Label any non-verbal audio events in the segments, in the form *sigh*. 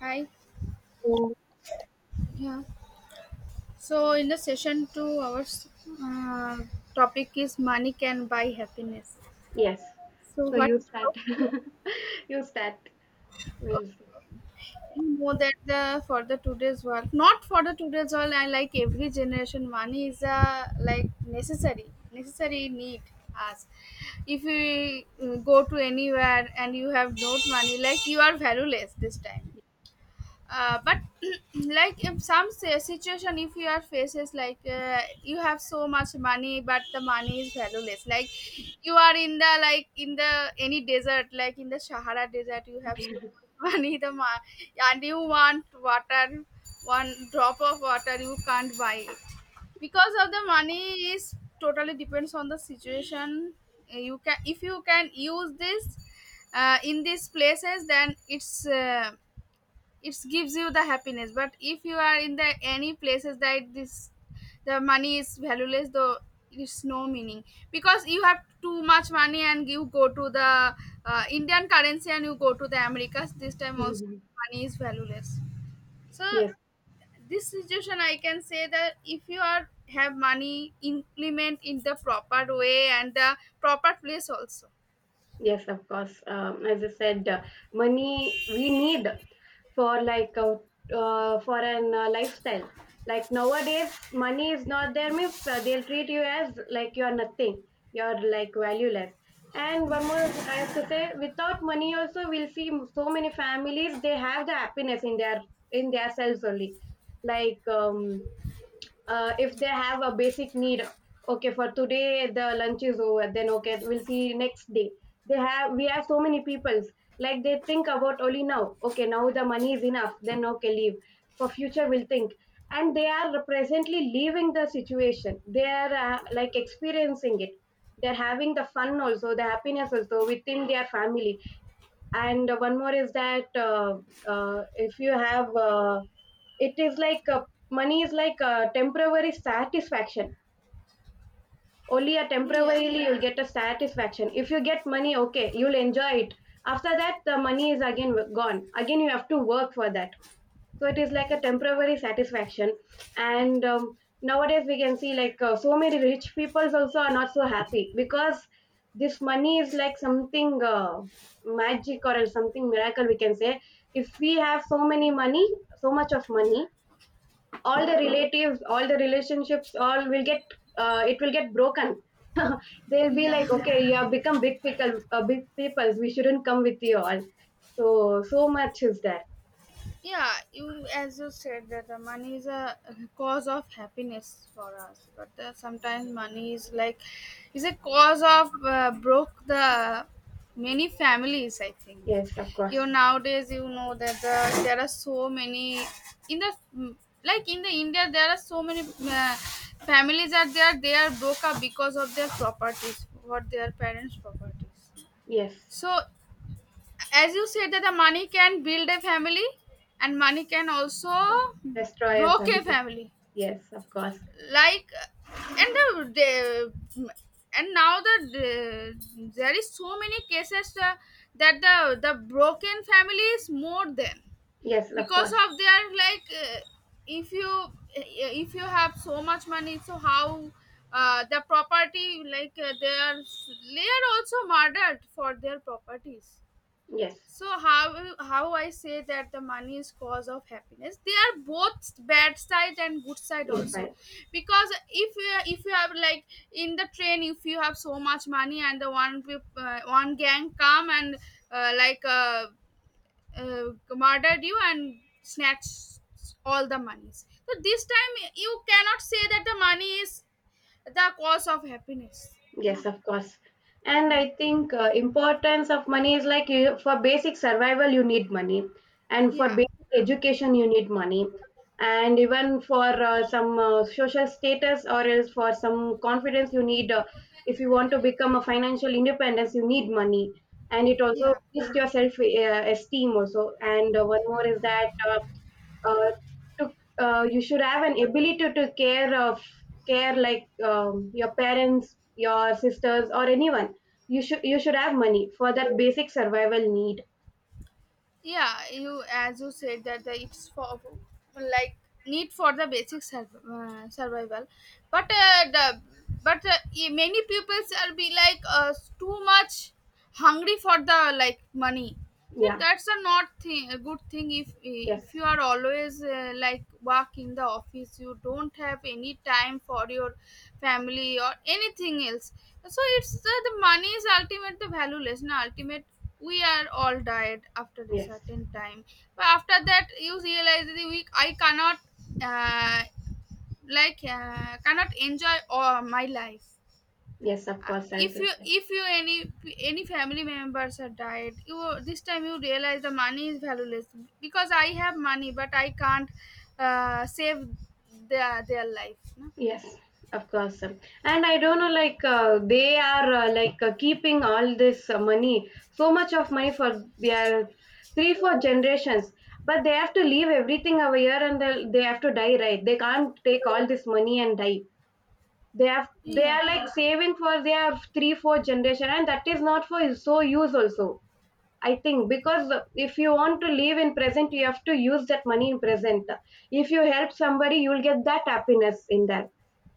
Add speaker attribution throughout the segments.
Speaker 1: Hi.
Speaker 2: So
Speaker 1: Yeah. So in the session two, our uh, topic is money can buy happiness.
Speaker 2: yes,
Speaker 1: So
Speaker 2: so
Speaker 1: what
Speaker 2: you start.
Speaker 1: you
Speaker 2: *laughs* You start. with-
Speaker 1: know that the for the today's world, not for the today's world. I like every generation. Money is a like necessary need us. If you go to anywhere and you have not money, like you are valueless this time. But *clears throat* like in some situation if you are faces like you have so much money but the money is valueless. Like you are in the like in the any desert, like in the Sahara Desert, you have so
Speaker 2: *laughs*
Speaker 1: much *laughs* money, the and you want water. One drop of water you can't buy it because of the money is totally depends on the situation. You can if you can use this in these places, then it's uh, it gives you the happiness. But if you are in the any places that this, the money is valueless though, it's no meaning. Because you have too much money and you go to the Indian currency, and you go to the Americas, this time also money is valueless. So
Speaker 2: yes,
Speaker 1: this situation I can say that if you are have money, implement in the proper way and the proper place also.
Speaker 2: yes, of course. As I said, money we need for like for an lifestyle. Like nowadays, money is not there means they'll treat you as like you are nothing. You're like valueless. And one more, I have to say, without money also, we'll see so many families. They have the happiness in their selves only. Like if they have a basic need, okay for today the lunch is over, then okay we'll see next day. They have we have so many peoples like they think about only now, okay now the money is enough, then okay leave, for future we'll think. And they are presently leaving the situation, they are like experiencing it. They're having the fun also, the happiness also within their family. And one more is that, if you have it is like money is like a temporary satisfaction. Only a
Speaker 1: Yeah,
Speaker 2: temporarily you'll get a satisfaction, if you get money okay you'll enjoy it. After that the money is again gone, again you have to work for that. So it is like a temporary satisfaction. And nowadays we can see like so many rich peoples also are not so happy, because this money is like something magic or something miracle we can say. If we have so many money, so much of money, all the relatives, all the relationships, all will get, it will get broken. *laughs* They'll be
Speaker 1: yeah,
Speaker 2: like, okay you have become big people, big peoples, we shouldn't come with you all. So so much is there.
Speaker 1: yeah, you as you said that the money is a cause of happiness for us. But sometimes money is like is a cause of broke the many families, I think.
Speaker 2: Yes of course.
Speaker 1: You nowadays you know that there are so many in the like in the India there are so many families, that they are broke up because of their properties, what their parents properties.
Speaker 2: Yes.
Speaker 1: So as you said that the money can build a family, and money can also
Speaker 2: Destroy a
Speaker 1: broke a
Speaker 2: family.
Speaker 1: family.
Speaker 2: Yes of course.
Speaker 1: Like, and the and now the there is so many cases that the broken family is more than,
Speaker 2: Yes of
Speaker 1: because
Speaker 2: course.
Speaker 1: of their like if you uh, if you have so much money, so how the property like they are also murdered for their properties.
Speaker 2: Yes.
Speaker 1: So how I say that the money is cause of happiness? They are both bad side and good side
Speaker 2: It's.
Speaker 1: also, because if you have like in the train, if you have so much money and the one gang come and like uh, murdered you and snatch all the monies. So this time you cannot say that the money is the cause of happiness. Nah.
Speaker 2: Yes, of course. And
Speaker 1: Yeah.
Speaker 2: I think importance of money is like you, for basic survival you need money, and for
Speaker 1: Yeah.
Speaker 2: basic education you need money, and even for some social status or else for some confidence you need. If you want to become a financial independence, you need money, and it also
Speaker 1: Yeah.
Speaker 2: boosts your self esteem also. And one more is that. Uh, to You should have an ability to care of, care like your parents, your sisters, or anyone. You should have money for that basic survival need.
Speaker 1: Yeah, you as you said that the it's for, like, need for the basic survival. But uh, the but uh, e- many peoples are be like too much hungry for the like money. So
Speaker 2: Yeah.
Speaker 1: that's a not thing, a good thing. if
Speaker 2: Yes.
Speaker 1: if you are always like work in the office, you don't have any time for your family or anything else. So it's the money is ultimate the valueless na ultimate, we are all tired after a
Speaker 2: Yes.
Speaker 1: certain time. But after that you realize the week I cannot uh, like cannot enjoy all my life.
Speaker 2: Yes of
Speaker 1: Uh,
Speaker 2: course.
Speaker 1: if
Speaker 2: Answer.
Speaker 1: you if you any family members are died, you this time you realize the money is valueless. Because I have money but I can't save their life, no?
Speaker 2: Yes, of course. And I don't know, like they are like keeping all this money, so much of money for their three, four generations. But they have to leave everything over here, and they have to die, right? They can't take all this money and die. They
Speaker 1: Yeah,
Speaker 2: are like saving for their three, four generation, and that is not for so use also. I think because if you want to live in present, you have to use that money in present. If you help somebody, you'll get that happiness in that.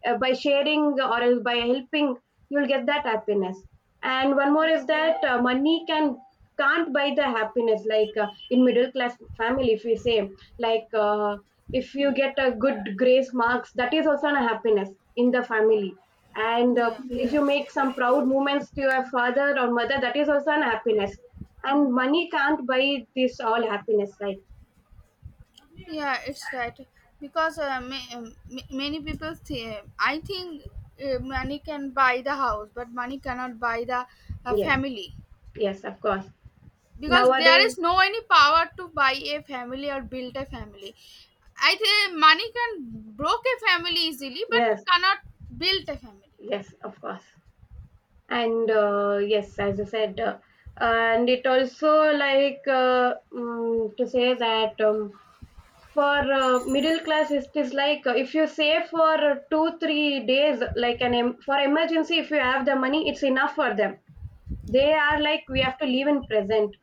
Speaker 2: By sharing or else by helping, you'll get that happiness. And one more is
Speaker 1: yeah,
Speaker 2: that money can't buy the happiness. Like in middle class family, if we say like if you get a good grace marks, that is also a happiness in the family. And
Speaker 1: yeah.
Speaker 2: if you make some proud moments to your father or mother, that is also an happiness. And money can't buy this all happiness, right?
Speaker 1: Yeah, it's right. Because many people think, I think money can buy the house, but money cannot buy the
Speaker 2: Yes.
Speaker 1: family.
Speaker 2: Yes of course.
Speaker 1: Because there
Speaker 2: Nowadays.
Speaker 1: is no any power to buy a family or build a family. I think money can broke a family easily, but
Speaker 2: Yes.
Speaker 1: cannot build a family.
Speaker 2: Yes of course. And
Speaker 1: Yeah,
Speaker 2: yes as I said. And it also like to say that for middle class it is like if you save for 2 3 days like an for emergency, if you have the money it's enough for them.
Speaker 1: yeah,
Speaker 2: They are like we have to live in present.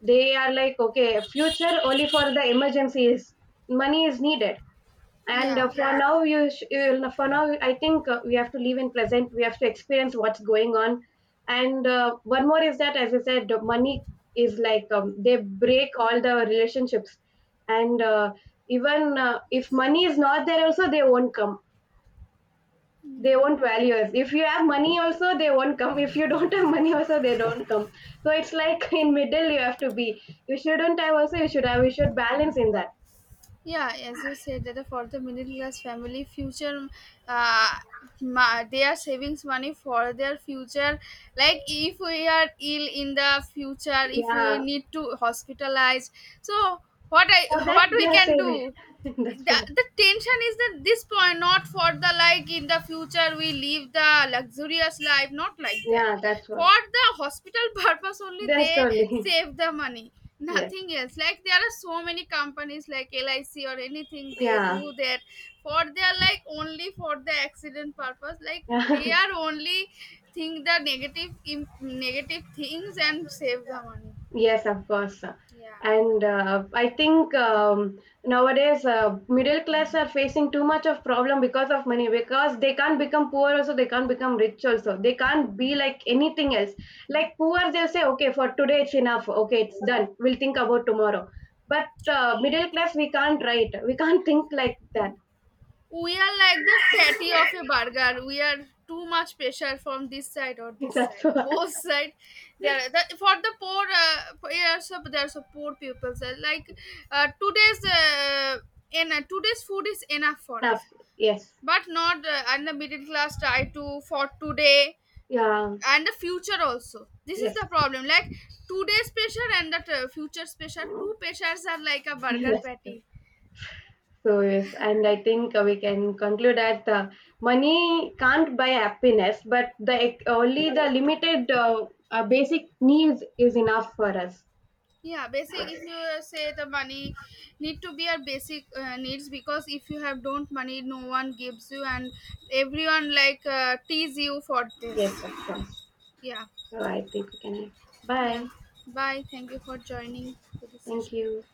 Speaker 2: They are like okay future only for the emergencies money is needed. And
Speaker 1: yeah,
Speaker 2: for. Yeah. now you, sh- you will- For now I think we have to live in present. We have to experience what's going on. And one more is that as I said the money is like they break all the relationships. And even if money is not there also they won't come, they
Speaker 1: yeah.
Speaker 2: won't value us. If you have money also they won't come, if you don't have money also they don't come. So it's like *laughs* in middle you have to be, you shouldn't have also, you should have, you should balance in that.
Speaker 1: Yeah, as you said that for the middle class family future, uh, they are savings money for their future. Like if we are ill in the future, if we
Speaker 2: Yeah.
Speaker 1: need to hospitalize, so
Speaker 2: For that
Speaker 1: what
Speaker 2: they
Speaker 1: we
Speaker 2: are
Speaker 1: can do.
Speaker 2: saving. *laughs* That's
Speaker 1: the,
Speaker 2: what.
Speaker 1: the tension is that this point, not for the like in the future we live the luxurious life, not like that.
Speaker 2: Yeah, that's what.
Speaker 1: For the hospital *laughs* purpose only
Speaker 2: That's
Speaker 1: they
Speaker 2: only.
Speaker 1: save the money,
Speaker 2: *laughs* Yes.
Speaker 1: nothing else. Like there are so many companies like LIC or anything, they
Speaker 2: Yeah.
Speaker 1: do that for their like only for the accident purpose. Like they
Speaker 2: *laughs*
Speaker 1: are only think the negative things and save the money.
Speaker 2: Yes, of course.
Speaker 1: Yeah.
Speaker 2: And I think nowadays middle class are facing too much of problem because of money, because they can't become poor also, they can't become rich also, they can't be like anything else. Like poor they'll say okay for today it's enough, okay it's done, we'll think about tomorrow. But middle class we can't right, we can't *laughs* think like that.
Speaker 1: We are like the fatty of a burger. We are too much pressure from this side or
Speaker 2: *laughs*
Speaker 1: this
Speaker 2: That's
Speaker 1: side. *laughs*
Speaker 2: what.
Speaker 1: Both side, they are for the poor. Yeah, so there are so poor people. So like today's in today's food is enough for
Speaker 2: Enough.
Speaker 1: us,
Speaker 2: Yes.
Speaker 1: but not and the middle class try to for today
Speaker 2: Yeah.
Speaker 1: and the future also. This is
Speaker 2: Yes.
Speaker 1: the problem. Like today's pressure and the future's pressure. Two pressures are like a burger
Speaker 2: *laughs* Yes.
Speaker 1: patty.
Speaker 2: So yes, and I think we can conclude that money can't buy happiness, but the only the limited basic needs is enough for us.
Speaker 1: Yeah, basic if you say the money need to be our basic needs, because if you have don't money, no one gives you, and everyone like tease you for this.
Speaker 2: Yes, of course.
Speaker 1: Yeah.
Speaker 2: So I think we can.
Speaker 1: Yeah.
Speaker 2: Bye.
Speaker 1: Bye, thank you for joining to this
Speaker 2: Thank
Speaker 1: session.
Speaker 2: you.